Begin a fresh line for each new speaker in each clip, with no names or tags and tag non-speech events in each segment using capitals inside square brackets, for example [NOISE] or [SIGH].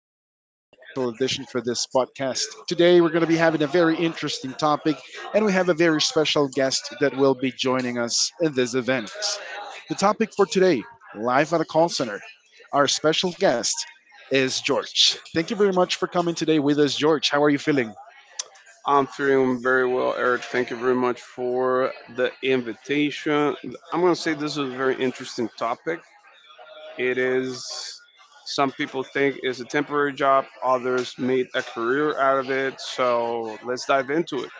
again to our special edition for this podcast. Today, we're going to be having a very interesting topic, and we have a very special guest that will be joining us in this event. The topic for today, live at a call center. Our special guest is George. Thank you very much for coming today with us, George. How are you feeling?
I'm feeling very well, Eric. Thank you very much for the invitation. I'm going to say this is a very interesting topic. It is, some people think it's a temporary job, others made a career out of it. So let's dive into it.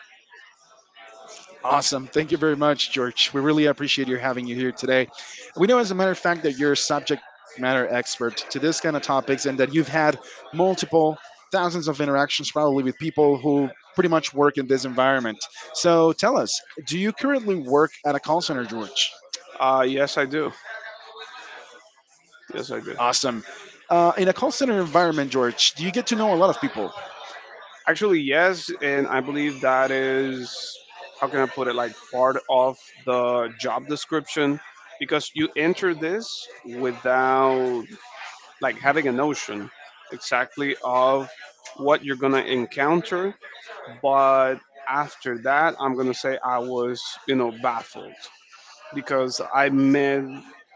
Awesome. Thank you very much, George. We really appreciate you having you here today. We know, as a matter of fact, that you're a subject matter expert to this kind of topics and that you've had multiple thousands of interactions probably with people who pretty much work in this environment. So tell us, do you currently work at a call center, George?
Yes, I do. Yes, I do.
Awesome. In a call center environment, George, do you get to know a lot of people?
Actually, yes, and I believe that is, how can I put it, like part of the job description because you enter this without like having a notion exactly of what you're gonna encounter but after that I'm gonna say I was baffled because i met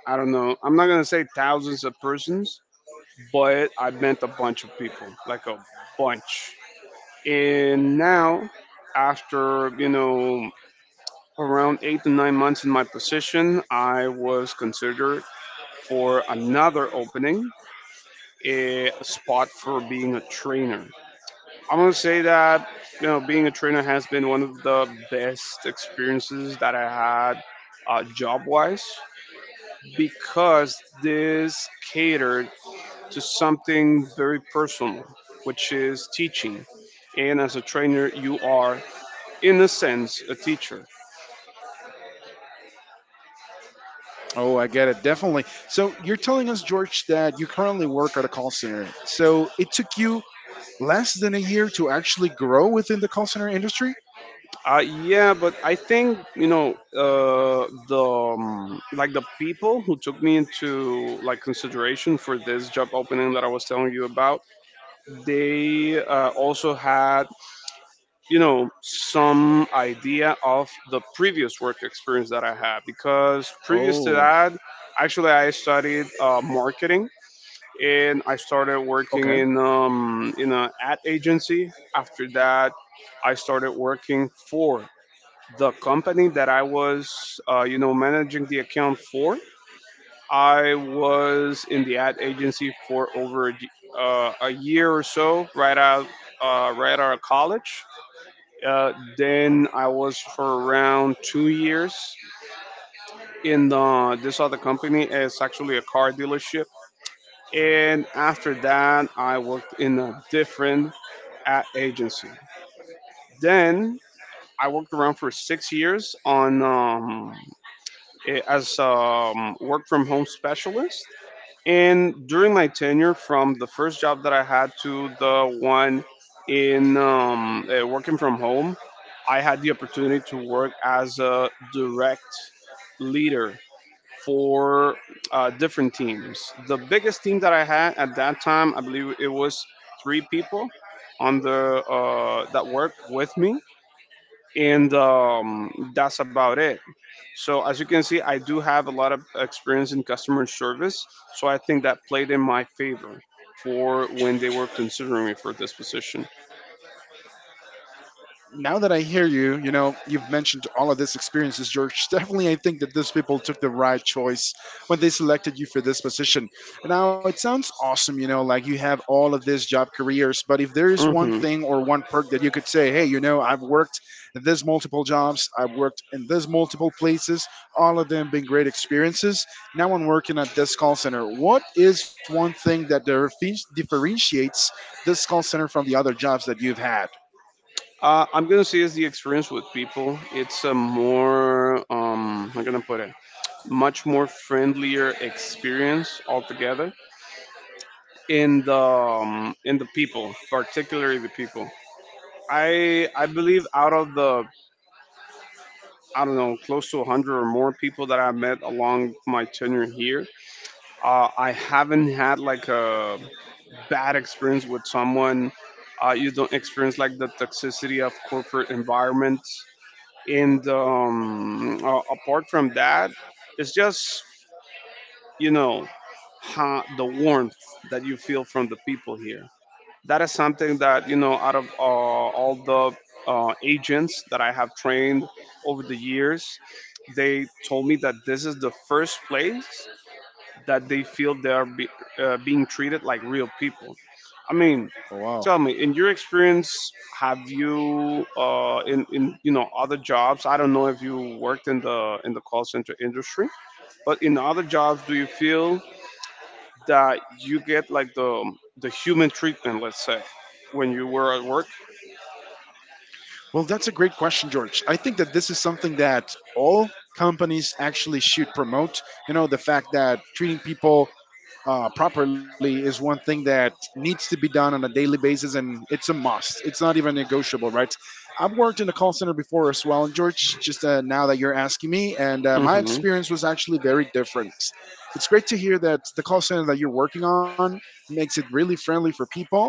i don't know I'm not gonna say thousands of persons but I met a bunch of people, like a bunch. And now, after around 8 to 9 months in my position, I was considered for another opening, a spot for being a trainer. I'm gonna say that being a trainer has been one of the best experiences that I had, job wise, because this catered to something very personal, which is teaching. And as a trainer, you are, in a sense, a teacher.
Oh, I get it, definitely. So you're telling us, George, that you currently work at a call center. So it took you less than a year to actually grow within the call center industry?
Yeah, but I think you know the like the people who took me into like consideration for this job opening that I was telling you about, they also had, some idea of the previous work experience that I had, because previous to
Oh,
that, actually I studied marketing, and I started
okay.
working in an ad agency. After that, I started working for the company that I was, managing the account for. I was in the ad agency for over a, a year or so, right out of college. Then I was for around 2 years in this other company. It's actually a car dealership. And after that, I worked in a different ad agency. Then I worked around for 6 years on eh, as work from home specialist. And during my tenure, from the first job that I had to the one in working from home, I had the opportunity to work as a direct leader for different teams. The biggest team that I had at that time, I believe it was three people on the that worked with me, and that's about it. So as you can see, I do have a lot of experience in customer service, so I think that played in my favor for when they were considering me for this position.
Now that I hear you, you know, you've mentioned all of these experiences, George. Definitely, I think that those people took the right choice when they selected you for this position. Now, it sounds awesome, you know, like you have all of these job careers, but if there is one
Hmm.
thing or one perk that you could say, hey, you know, I've worked in these multiple jobs, I've worked in these multiple places, all of them being great experiences. Now I'm working at this call center. What is one thing that differentiates this call center from the other jobs that you've had?
I'm gonna say is the experience with people. It's a more am gonna put it? Much more friendlier experience altogether in the in the people, particularly the people. I believe out of the, I don't know, close to 100 or more people that I met along my tenure here. I haven't had like a bad experience with someone. You don't experience like the toxicity of corporate environments. And Apart from that, it's just, you know, the warmth that you feel from the people here, that is something that out of all the agents that I have trained over the years, they told me that this is the first place that they feel they are being treated like real people. I mean,
Wow.
tell me, in your experience, have you in you know other jobs, I don't know if you worked in the call center industry, but in other jobs, do you feel that you get like the human treatment, let's say, when you were at work?
Well, that's a great question, George. I think that this is something that all companies actually should promote. You know, the fact that treating people properly is one thing that needs to be done on a daily basis, and it's a must. It's not even negotiable, right? I've worked in the call center before as well, and George, just now that you're asking me, and my
Mhm.
experience was actually very different. It's great to hear that the call center that you're working on makes it really friendly for people.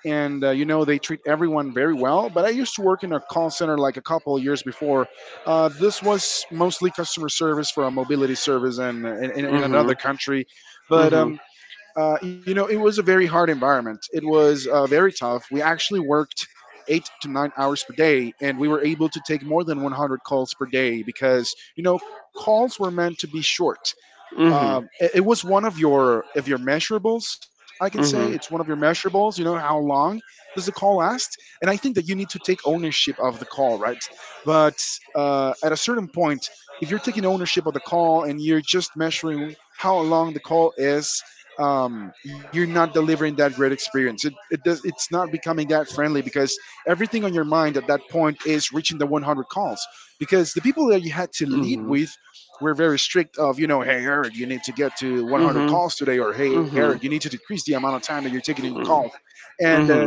And you know they treat everyone very well. But I used to work in a call center like a couple of years before. This was mostly customer service for a mobility service and in
Mhm.
another country. But
Mhm.
you know, it was a very hard environment. It was very tough. We actually worked 8 to 9 hours per day, and we were able to take more than 100 calls per day because, you know, calls were meant to be short. Um,
Mhm.
it, it was one of your measurables. I can say it's one of your
Mhm.
measurables. You know how long does the call last? And I think that you need to take ownership of the call, right? But at a certain point, if you're taking ownership of the call and you're just measuring how long the call is, you're not delivering that great experience. It's not becoming that friendly because everything on your mind at that point is reaching the 100 calls. Because the people that you had to lead
Mhm.
with we're very strict of, you know, hey, Eric, you need to get to 100
Mhm.
calls today, or hey, Eric, you need
Mhm.
to decrease the amount of time that you're taking in your calls.
Mhm.
And
Mhm.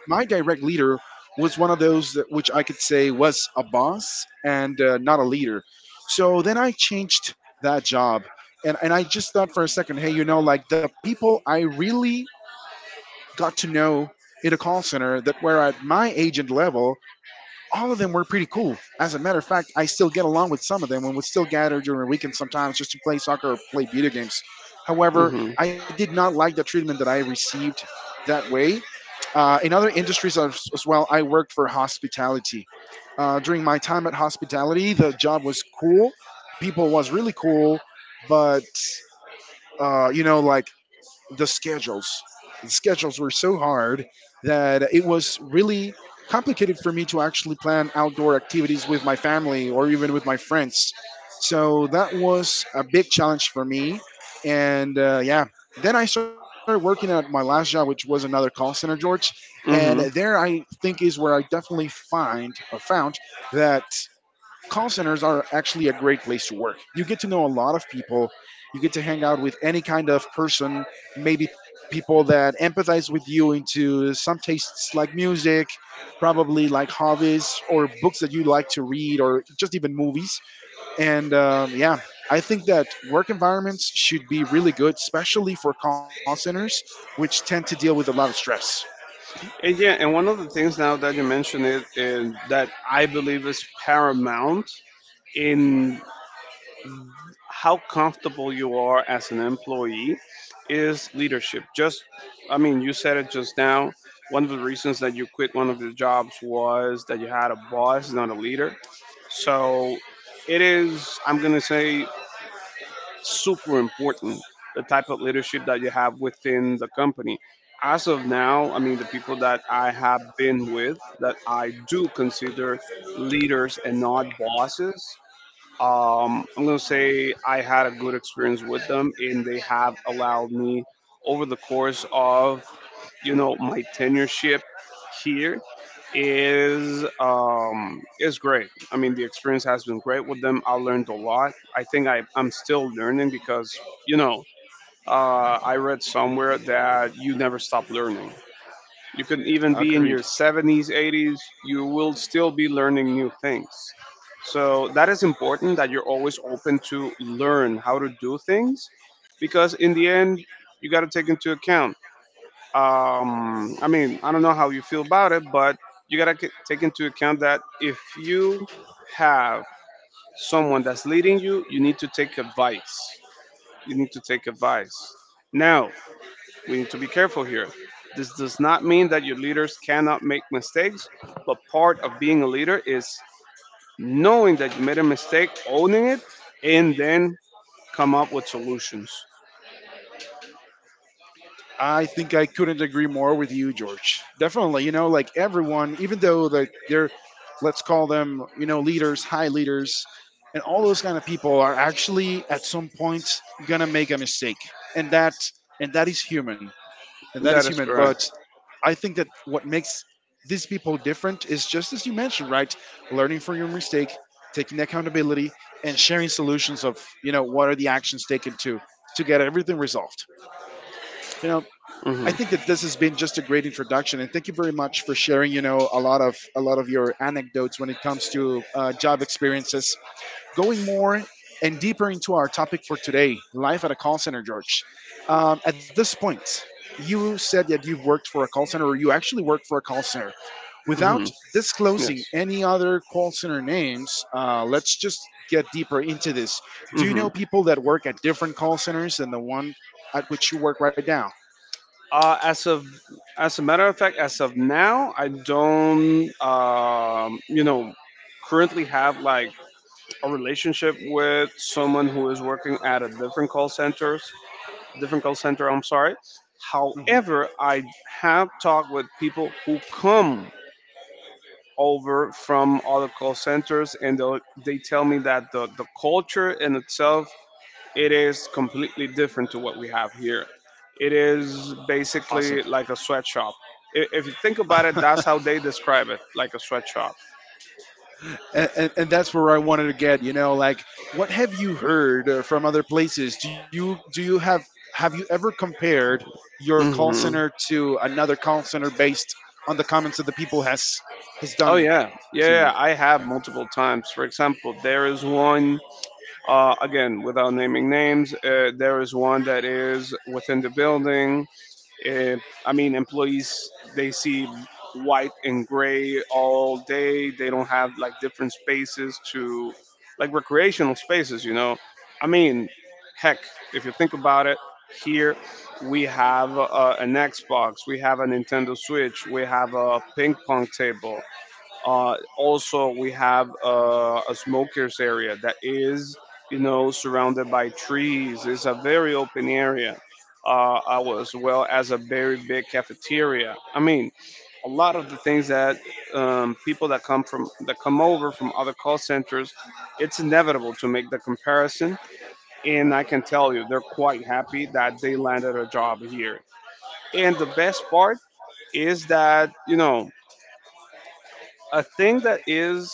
my direct leader was one of those that, which I could say was a boss and not a leader. So then I changed that job, and I just thought for a second, hey, you know, like the people I really got to know in a call center that were at my agent level, all of them were pretty cool. As a matter of fact, I still get along with some of them and would still gather during weekends sometimes just to play soccer or play video games. However,
Mhm.
I did not like the treatment that I received that way. In other industries as well, I worked for hospitality. During my time at hospitality, the job was cool. People was really cool, but you know, like the schedules. The schedules were so hard that it was really complicated for me to actually plan outdoor activities with my family or even with my friends. So that was a big challenge for me. And yeah, then I started working at my last job, which was another call center, George. And there
Mhm.
I think is where I definitely find or found that call centers are actually a great place to work. You get to know a lot of people. You get to hang out with any kind of person, maybe people that empathize with you into some tastes like music, probably like hobbies or books that you like to read, or just even movies. And yeah, I think that work environments should be really good, especially for call centers, which tend to deal with a lot of stress.
And yeah, and one of the things now that you mentioned it, and that I believe is paramount in how comfortable you are as an employee is leadership. Just, I mean, you said it just now. One of the reasons that you quit one of your jobs was that you had a boss, not a leader. So it is, I'm going to say, super important the type of leadership that you have within the company. As of now, I mean, the people that I have been with that I do consider leaders and not bosses, I'm going to say I had a good experience with them, and they have allowed me over the course of, my tenureship here, is great. I mean, the experience has been great with them. I learned a lot. I think I'm still learning, because you know I read somewhere that you never stop learning. You can even be
Agreed.
in your 70s, 80s, you will still be learning new things. So that is important, that you're always open to learn how to do things, because in the end, you got to take into account. I mean, I don't know how you feel about it, but you got to take into account that if you have someone that's leading you, you need to take advice. You need to take advice. Now, we need to be careful here. This does not mean that your leaders cannot make mistakes, but part of being a leader is knowing that you made a mistake, owning it, and then come up with solutions.
I think I couldn't agree more with you, George. Definitely, you know, like everyone, even though that they're, let's call them, you know, leaders, high leaders, and all those kind of people are actually at some point gonna make a mistake, and that and that is human, and that is
That is
human. But
correct.
I think that what makes these people different is just as you mentioned, right? Learning from your mistake, taking accountability, and sharing solutions of, you know, what are the actions taken to get everything resolved. You know, I think
Hmm.
that this has been just a great introduction, and thank you very much for sharing. You know, a lot of your anecdotes when it comes to job experiences. Going more and deeper into our topic for today, life at a call center, George. At this point, you said that you've worked for a call center, or you actually worked for a call center.
Hmm.
Without
Yes.
disclosing any other call center names, let's just get deeper into this. Do you
Hmm.
know people that work at different call centers than the one at which you work right now?
Uh, as of, as a matter of fact, as of now, I don't, currently have like a relationship with someone who is working at a different call centers, different call center, I'm sorry.
Mhm.
However, I have talked with people who come over from other call centers, and they tell me that the culture in itself, it is completely different to what we have here. It is
Awesome.
basically like a sweatshop. If you think about it, that's how they describe it, like a sweatshop.
And that's where I wanted to get. You know, like what have you heard from other places? Do you Have you ever compared your call center
Hmm.
to another call center based on the comments that the people has
Oh
done
yeah,
to
yeah,
you?
yeah. I have multiple times. For example, there is one. Again, without naming names, there is one that is within the building. Uh, I mean, employees, they see white and gray all day. They don't have like different spaces to, like recreational spaces, you know. I mean, heck, if you think about it, here we have an Xbox, we have a Nintendo Switch, we have a ping pong table. Also, we have a smokers area that is, you know, surrounded by trees. It's a very open area, as well as a very big cafeteria. I mean, a lot of the things that people that come from that come over from other call centers, it's inevitable to make the comparison. And I can tell you, they're quite happy that they landed a job here. And the best part is that, a thing that is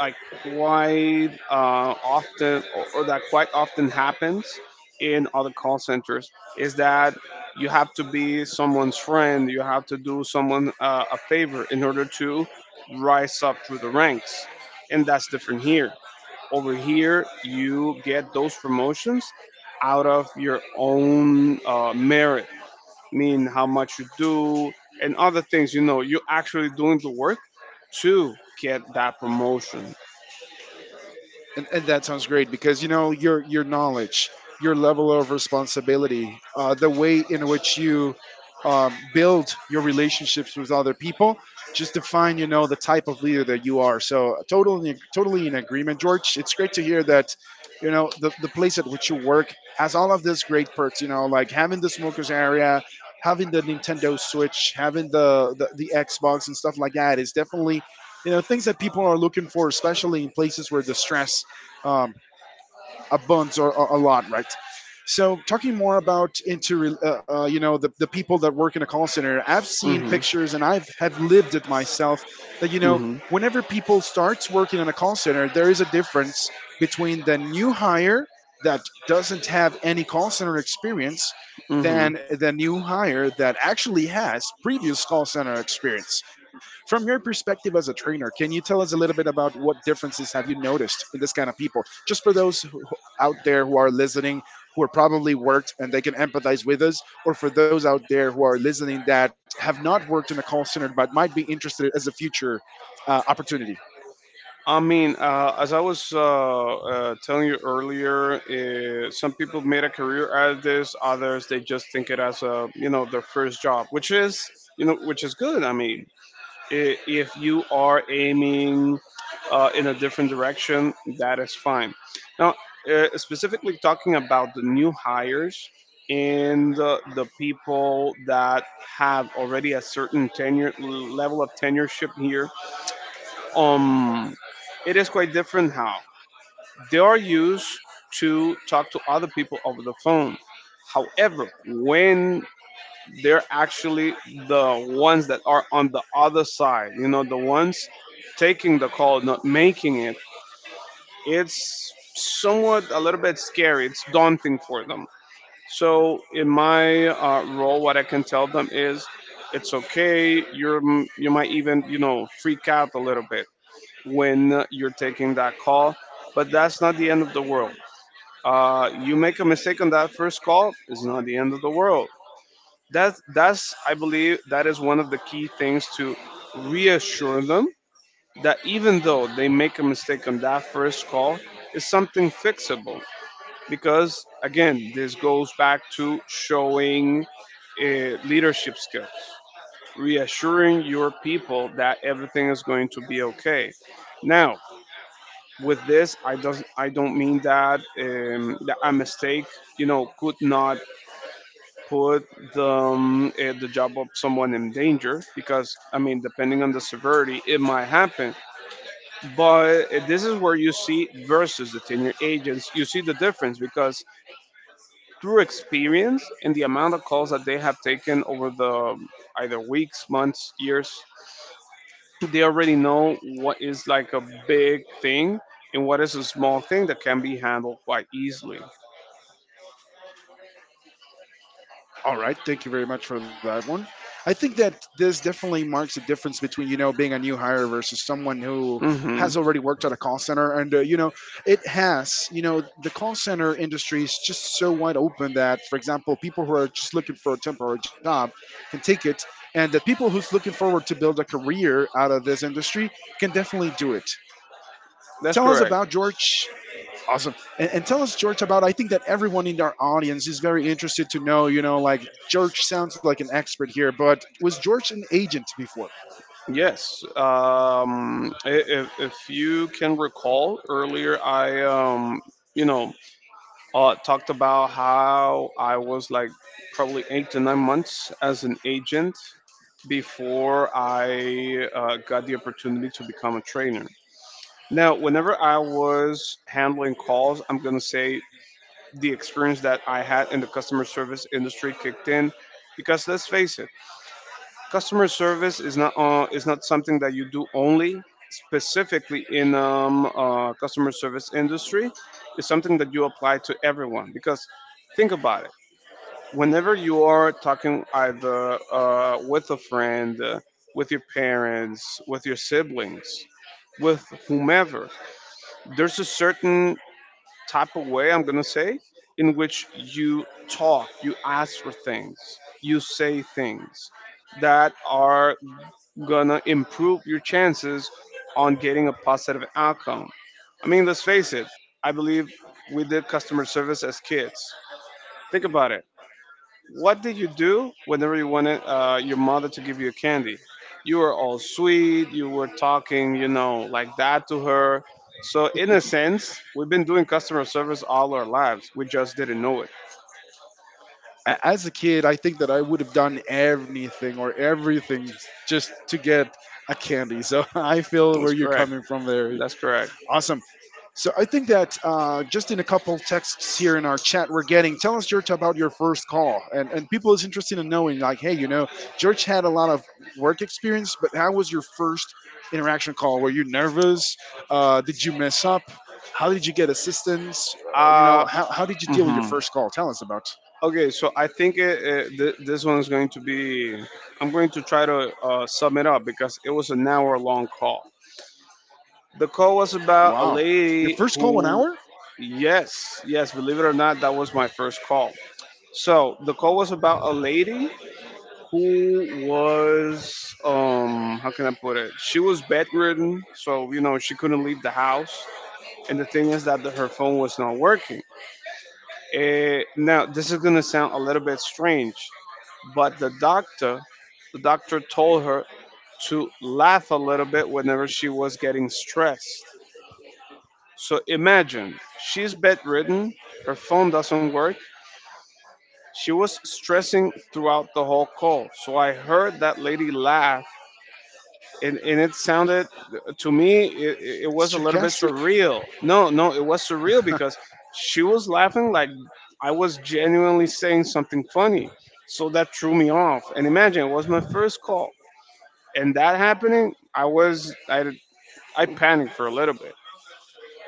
like quite or that quite often happens in other call centers, is that you have to be someone's friend, you have to do someone a favor in order to rise up through the ranks. And that's different here. Over here you get those promotions out of your own merit. mean, how much you do and other things, you know, you're actually doing the work to get that promotion.
And that sounds great because you know your knowledge, your level of responsibility, the way in which you build your relationships with other people, just define you know the type of leader that you are. So totally totally in agreement, George. It's great to hear that. You know the place at which you work has all of these great perks. You know, like having the smokers area, having the Nintendo Switch, having the Xbox and stuff like that is definitely you know things that people are looking for, especially in places where the stress um, a bunch or a lot, right? So talking more about into you know the people that work in a call center, I've seen
Hmm.
pictures and I've have lived it myself that you know
Hmm.
whenever people starts working in a call center, there is a difference between the new hire that doesn't have any call center experience
Hmm.
than the new hire that actually has previous call center experience. From your perspective as a trainer, can you tell us a little bit about what differences have you noticed in this kind of people? Just for those who out there who are listening who are probably worked and they can empathize with us or for those out there who are listening that have not worked in a call center but might be interested as a future opportunity.
I mean, as I was telling you earlier, some people made a career out of this, others they just think it as a, their first job, which is, which is good. I mean, if you are aiming in a different direction, that is fine. Now, specifically talking about the new hires and the people that have already a certain tenure level of tenureship here, um, it is quite different how they are used to talk to other people over the phone. However, when they're actually the ones that are on the other side, the ones taking the call, not making it, it's somewhat a little bit scary. It's daunting for them. So in my role, what I can tell them is it's okay. You might even freak out a little bit when you're taking that call, but that's not the end of the world. You make a mistake on that first call, it's not the end of the world. That's I believe that is one of the key things — to reassure them that even though they make a mistake on that first call, it's something fixable, because again this goes back to showing uh, leadership skills, reassuring your people that everything is going to be okay. Now, with this I don't mean that a mistake could not put the job of someone in danger, because I mean, depending on the severity, it might happen. But this is where you see versus the tenure agents, you see the difference, because through experience and the amount of calls that they have taken over the either weeks, months, years, they already know what is like a big thing and what is a small thing that can be handled quite easily.
All right, thank you very much for that one. I think that this definitely marks a difference between you know being a new hire versus someone who has
Hmm.
already worked at a call center, and you know it has. You know the call center industry is just so wide open that, for example, people who are just looking for a temporary job can take it, and that people who's looking forward to build a career out of this industry can definitely do it.
That's
Tell us
correct.
about George. Awesome. And tell us, George, about I think that everyone in our audience is very interested to know, you know, like George sounds like an expert here, but was George an agent before?
Yes. If you can recall earlier, I, you know, talked about how I was like probably 8 to 9 months as an agent before I got the opportunity to become a trainer. Now, whenever I was handling calls, I'm going to say the experience that I had in the customer service industry kicked in, because let's face it, customer service is not something that you do only specifically in customer service industry. It's something that you apply to everyone, because think about it. Whenever you are talking either with a friend, with your parents, with your siblings, with whomever, there's a certain type of way, I'm gonna say, in which you talk, you ask for things, you say things that are gonna improve your chances on getting a positive outcome. I mean, let's face it, I believe we did customer service as kids. Think about it. What did you do whenever you wanted your mother to give you a candy? You were all sweet, you were talking, like that to her. So, in a sense, we've been doing customer service all our lives. We just didn't know it.
As a kid, I think that I would have done anything or everything just to get a candy. So [LAUGHS] I feel where
That's
you're
correct.
coming from there.
That's correct.
Awesome. So I think that just in a couple texts here in our chat we're getting, tell us George about your first call, and people is interested in knowing like, hey, George had a lot of work experience, but how was your first interaction call? Were you nervous? Did you mess up? How did you get assistance?
Uh,
How did you deal with your
mhm.
first call? Tell us about.
Okay, so I think this one is going to be — I'm going to try to sum it up because it was an hour long call. The call was about a
Wow, your
lady
first call one
who,
hour?
yes, yes, believe it or not, that was my first call. So the call was about a lady who was, how can I put it? She was bedridden, so you know she couldn't leave the house. And the thing is that her phone was not working. Now this is gonna sound a little bit strange, but the doctor told her to laugh a little bit whenever she was getting stressed. So imagine, she's bedridden, her phone doesn't work. She was stressing throughout the whole call. So I heard that lady laugh, and it sounded to me, it was a little bit
Sarcastic?
surreal. No, no, it was surreal, because she was laughing like I was genuinely saying something funny. So that threw me off. And imagine, it was my first call, and that happening, I was I panicked for a little bit.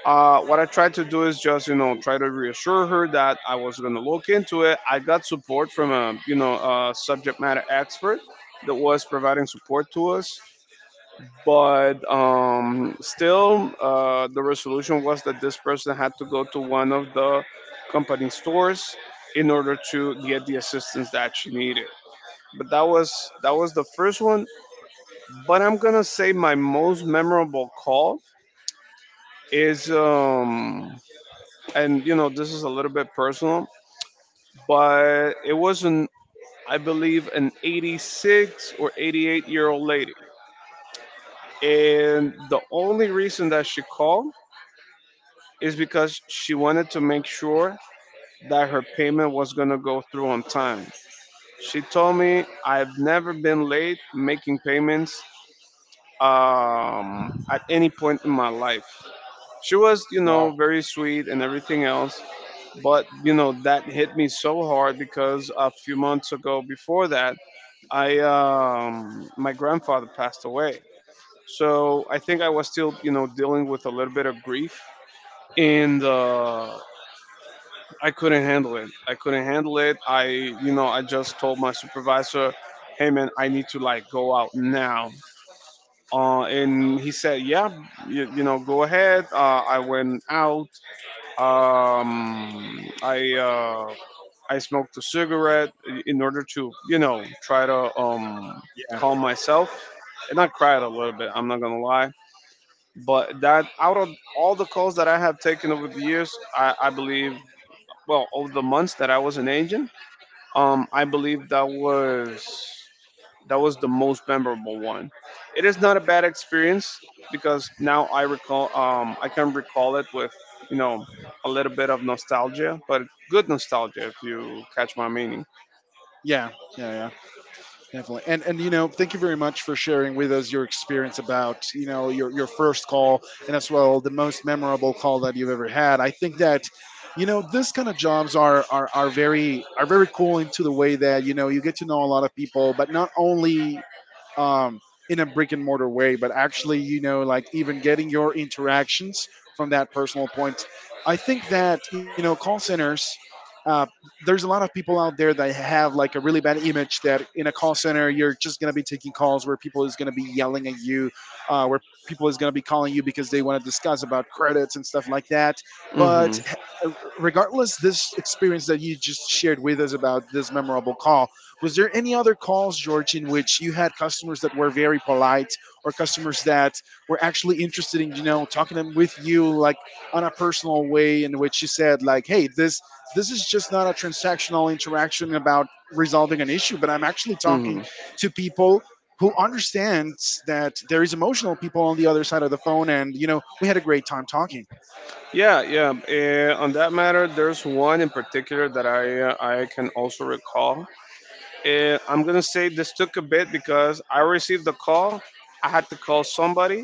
What I tried to do is just try to reassure her that I was gonna look into it. I got support from a you know a subject matter expert that was providing support to us, but still the resolution was that this person had to go to one of the company stores in order to get the assistance that she needed. But that was the first one, but I'm gonna say my most memorable call is and you know this is a little bit personal, but it was, an I believe, an 86 or 88-year-old lady, and the only reason that she called is because she wanted to make sure that her payment was gonna go through on time. She told me, I've never been late making payments at any point in my life. She was
Wow.
very sweet and everything else. But, that hit me so hard, because a few months ago before that, I my grandfather passed away. So I think I was, still, you know, dealing with a little bit of grief, and I couldn't handle it. I couldn't handle it. I just told my supervisor, "Hey, man, I need to like go out now." And he said, "Yeah, you know, go ahead." I went out. Um, I uh, I smoked a cigarette in order to try to
Yeah.
calm myself. And I cried a little bit. I'm not gonna lie. But that, out of all the calls that I have taken over the years, I believe — well, over the months that I was an agent — I believe that was the most memorable one. It is not a bad experience, because now I can recall it with you know a little bit of nostalgia, but good nostalgia, if you catch my meaning.
Yeah. Yeah, yeah. Definitely. And you know, thank you very much for sharing with us your experience about, you know, your first call and as well the most memorable call that you've ever had. I think that you know, this kind of jobs are are very are very cool into the way that, you know, you get to know a lot of people, but not only um, in a brick and mortar way, but actually, you know, like even getting your interactions from that personal point. I think that, you know, call centers, uh, there's a lot of people out there that have like a really bad image that in a call center, you're just going to be taking calls where people is going to be yelling at you, where people is going to be calling you because they want to discuss about credits and stuff like that. But
Hmm.
eh, regardless, this experience that you just shared with us about this memorable call, was there any other calls, George, in which you had customers that were very polite or customers that were actually interested in, you know, talking them with you like on a personal way in which you said like, hey, this is just not a transactional interaction about resolving an issue, but I'm actually talking
Hmm.
to people who understands that there is emotional people on the other side of the phone and you know we had a great time talking.
Yeah, yeah. On that matter, there's one in particular that uh, I can also recall. I'm gonna say this took a bit because I received the call, I had to call somebody —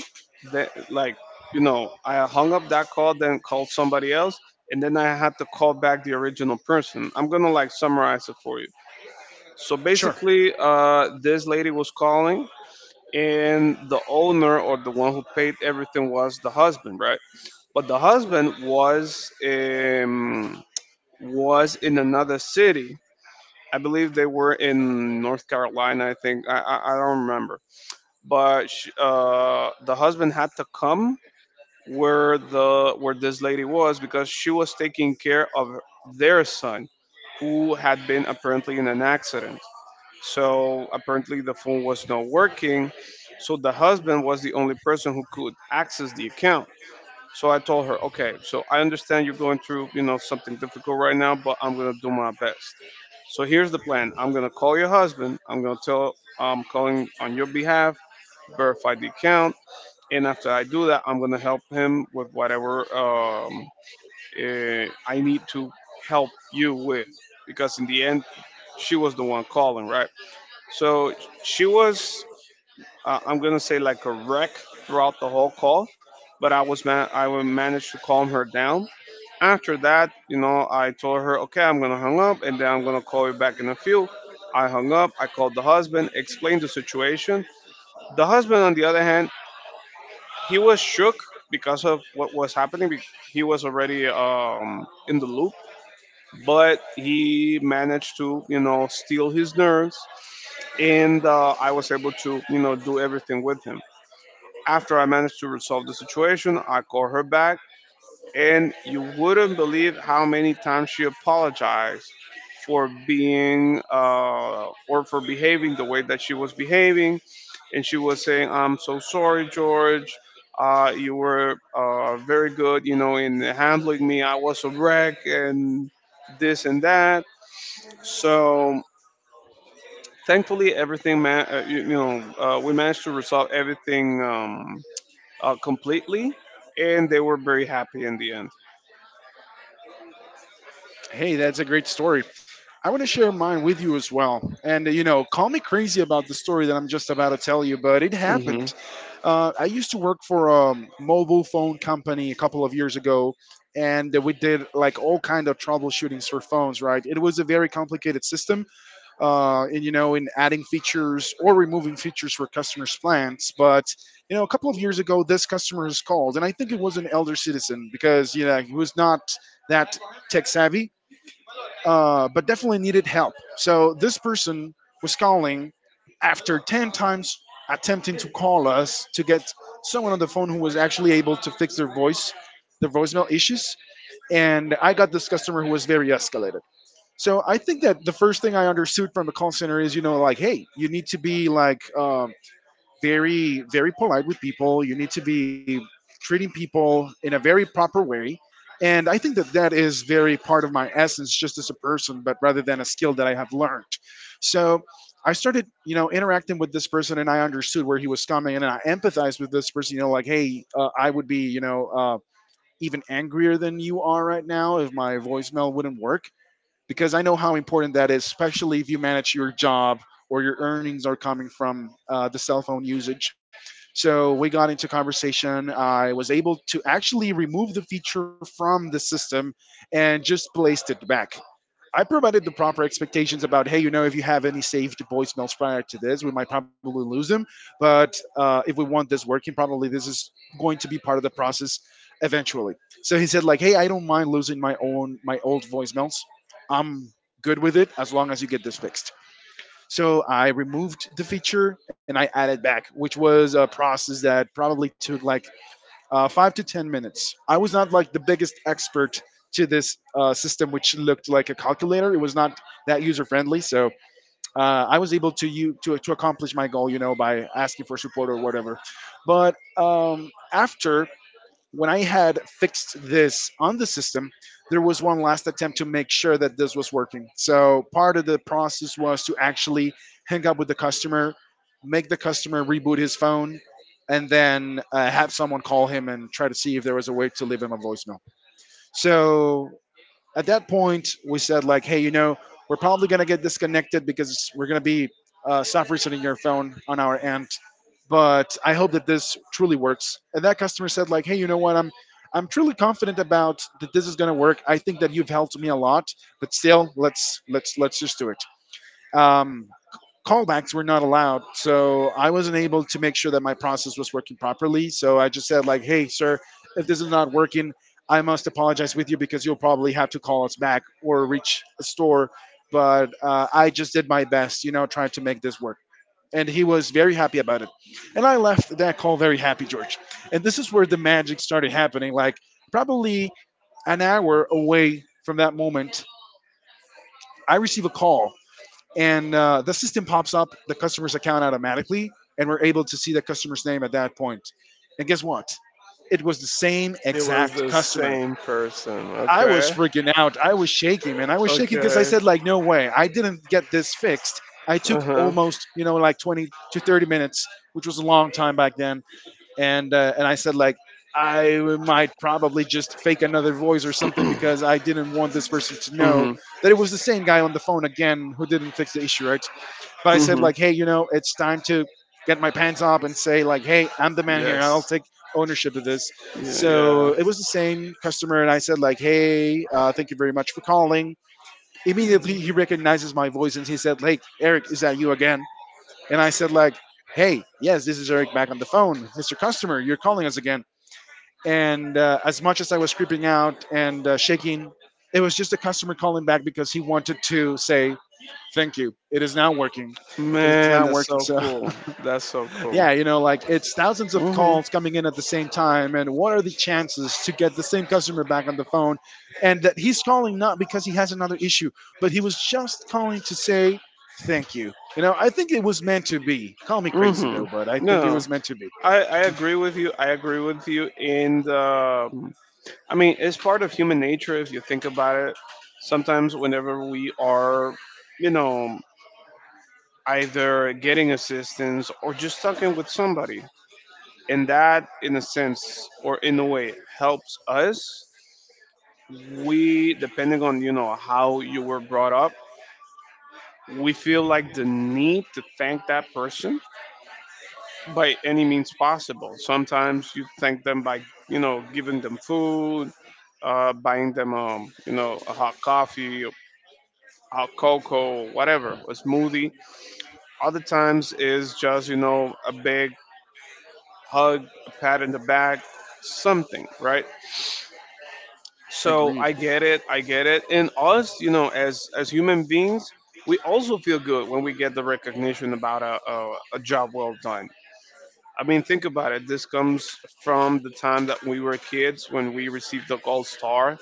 That like you know, I hung up that call, then called somebody else, and then I had to call back the original person. I'm gonna like summarize it for you. So
Sure.
basically, this lady was calling, and the owner, or the one who paid everything, was the husband, right? But the husband was in another city — I believe they were in North Carolina, I think — I don't remember. But sh the husband had to come where the where this lady was, because she was taking care of their son, who had been apparently in an accident. So apparently the phone was not working, so the husband was the only person who could access the account. So I told her, okay, so I understand you're going through something difficult right now, but I'm gonna do my best. So here's the plan. I'm gonna call your husband, I'm gonna tell I'm calling on your behalf, verify the account, and after I do that, I'm gonna help him with whatever I need to help you with, because in the end, she was the one calling, right? So she was I'm gonna say like a wreck throughout the whole call, but I would manage to calm her down. After that, I told her, okay, I'm gonna hang up, and then I'm gonna call you back in a few. I hung up. I called the husband, explained the situation. The husband, on the other hand, he was shook because of what was happening. He was already in the loop, but he managed to steal his nerves, and I was able to do everything with him. After I managed to resolve the situation, I called her back, and you wouldn't believe how many times she apologized for being or for behaving the way that she was behaving. And she was saying, I'm so sorry, George. You were very good in handling me. I was a wreck, and this and that. So thankfully, everything, man, we managed to resolve everything completely, and they were very happy in the end.
Hey, that's a great story. I want to share mine with you as well. And, you know, call me crazy about the story that I'm just about to tell you, but it happened.
Hmm.
I used to work for a mobile phone company a couple of years ago, and we did like all kind of troubleshootings for phones, right? It was a very complicated system, and, you know, in adding features or removing features for customers' plans. But, you know, a couple of years ago, this customer has called, and I think it was an elder citizen because, you know, he was not that tech savvy, but definitely needed help. So this person was calling after 10 times attempting to call us to get someone on the phone who was actually able to fix their voice, their voicemail issues. And I got this customer who was very escalated. So I think that the first thing I understood from a call center is, you know, like, hey, you need to be like very very polite with people. You need to be treating people in a very proper way, and I think that that is very part of my essence just as a person but rather than a skill that I have learned. So I started, you know, interacting with this person and I understood where he was coming and I empathized with this person, you know, like, hey, I would be, you know, even angrier than you are right now if my voicemail wouldn't work, because I know how important that is, especially if you manage your job or your earnings are coming from the cell phone usage. So we got into conversation. I was able to actually remove the feature from the system and just placed it back. I provided the proper expectations about, hey, you know, if you have any saved voicemails prior to this, we might probably lose them. But if we want this working, probably this is going to be part of the process eventually. So he said, like, hey, I don't mind losing my old voicemails. I'm good with it as long as you get this fixed. So I removed the feature and I added back, which was a process that probably took like 5 to 10 minutes. I was not like the biggest expert to this system, which looked like a calculator. It was not that user friendly, so uh, I was able to you to accomplish my goal, you know, by asking for support or whatever. But after when I had fixed this on the system, there was one last attempt to make sure that this was working. So part of the process was to actually hang up with the customer, make the customer reboot his phone, and then have someone call him and try to see if there was a way to leave him a voicemail. So at that point, we said like, hey, you know, we're probably gonna get disconnected because we're gonna be soft resetting your phone on our end. But I hope that this truly works. And that customer said like, hey, you know what? I'm truly confident about that this is gonna work. I think that you've helped me a lot. But still, let's let's just do it. um, Callbacks were not allowed. So I wasn't able to make sure that my process was working properly. So I just said like, "Hey, sir, if this is not working, I must apologize with you because you'll probably have to call us back or reach a store." But I just did my best, you know, trying to make this work. And he was very happy about it. And I left that call very happy, George. And this is where the magic started happening. Like, probably an hour away from that moment, I receive a call and the system pops up the customer's account automatically, and we're able to see the customer's name at that point. And guess what? It was the same
It was
exact
the
customer.
same person.
I was
Okay.
freaking out. I was shaking, man. I was shaking because I
Okay.
said, like, no way. I didn't get this fixed. I took
Uh huh.
almost, you know, like 20 to 30 minutes, which was a long time back then. And I said, like, I might probably just fake another voice or something because I didn't want this person to know
Mhm.
that it was the same guy on the phone again who didn't fix the issue, right? But I said
Mhm.
like, hey, you know, it's time to get my pants up and say like, hey, I'm the man here. I'll
Yes.
take ownership of this.
Yeah, yeah.
So it was the same customer, and I said like, hey, thank you very much for calling. Immediately he recognizes my voice and he said, like, Eric, is that you again? And I said like, hey, yes, this is Eric back on the phone, Mr. Customer, you're calling us again. And as much as I was creeping out and shaking, it was just a customer calling back because he wanted to say thank you. It is now working. It is now
Man, that's
working.
so
So [LAUGHS]
cool. That's so
yeah,
cool.
you know, like it's thousands of
Mhm.
calls coming in at the same time, and what are the chances to get the same customer back on the phone? And that he's calling not because he has another issue, but he was just calling to say thank you. You know, I think it was meant to be. Call me crazy though,
Mhm.
but I think it
No,
was meant to be.
I agree with you. I agree with you. And I mean, it's part of human nature if you think about it. Sometimes, whenever we are, you know, either getting assistance or just talking with somebody. And that, in a sense or in a way, helps us. We, depending on how you were brought up, we feel like the need to thank that person by any means possible. Sometimes you thank them by giving them food, buying them a hot coffee, hot cocoa, whatever, a smoothie. Other times is just a big hug, a pat in the back, something, right?
Agreed.
So I get it, I get it. And us, you know, as human beings, we also feel good when we get the recognition about a job well done. I mean, think about it. This comes from the time that we were kids when we received the gold star.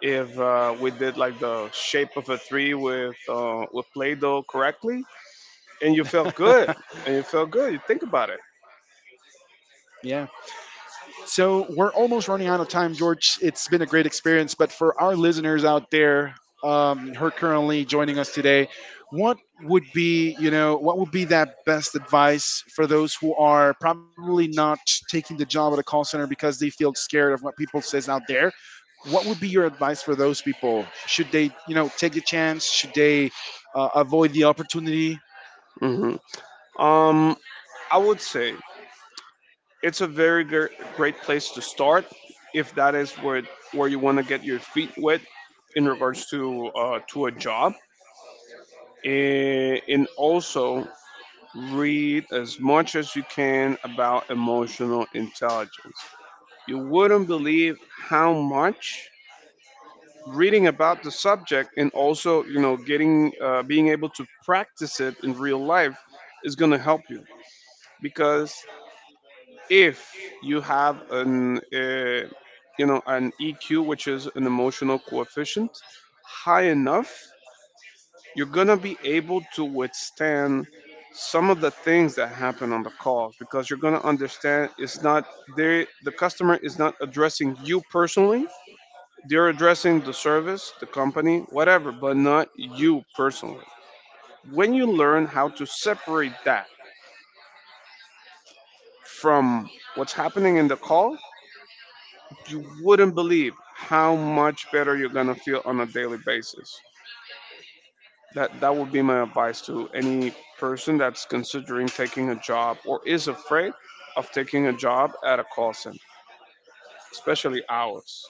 If we did like the shape of a tree with with Play-Doh correctly, and you felt good,
[LAUGHS]
and you felt good, you think about it.
Yeah. So we're almost running out of time, George. It's been a great experience, but for our listeners out there, her currently joining us today, what would be, you know, what would be that best advice for those who are probably not taking the job at a call center because they feel scared of what people says out there? What would be your advice for those people? Should they, you know, take the chance? Should they avoid the opportunity?
Hmm. Um, I would say it's a very great place to start if that is where you want to get your feet wet in regards to a job, and also read as much as you can about emotional intelligence. You wouldn't believe how much reading about the subject, and also getting being able to practice it in real life is going to help you. Because if you have an you know an EQ, which is an emotional coefficient, high enough, you're gonna be able to withstand some of the things that happen on the calls, because you're gonna understand it's not — the customer is not addressing you personally. They're addressing the service, the company, whatever, but not you personally. When you learn how to separate that from what's happening in the call, you wouldn't believe how much better you're gonna feel on a daily basis. That would be my advice to any person that's considering taking a job or is afraid of taking a job at a call center, especially ours.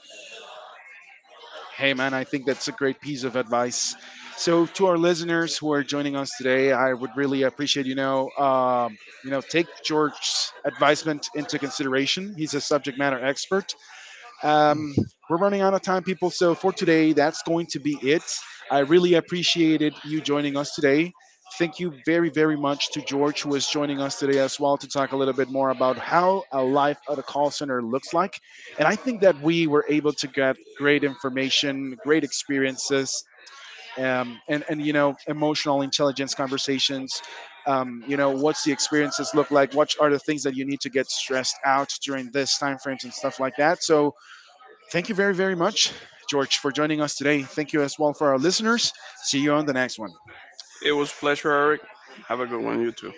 Hey, man, I think that's a great piece of advice. So, to our listeners who are joining us today, I would really appreciate, you know, take George's advisement into consideration. He's a subject matter expert. um, we're running out of time, people. So for today, that's going to be it. I really appreciated you joining us today. Thank you very, very much to George, who is joining us today as well to talk a little bit more about how a life at a call center looks like. And I think that we were able to get great information, great experiences, you know, emotional intelligence conversations. You know, what's the experiences look like? What are the things that you need to get stressed out during this time frames and stuff like that? So, thank you very, very much, George, for joining us today. Thank you as well for our listeners. See you on the next one.
It was a pleasure, Eric. Have a good one, you too.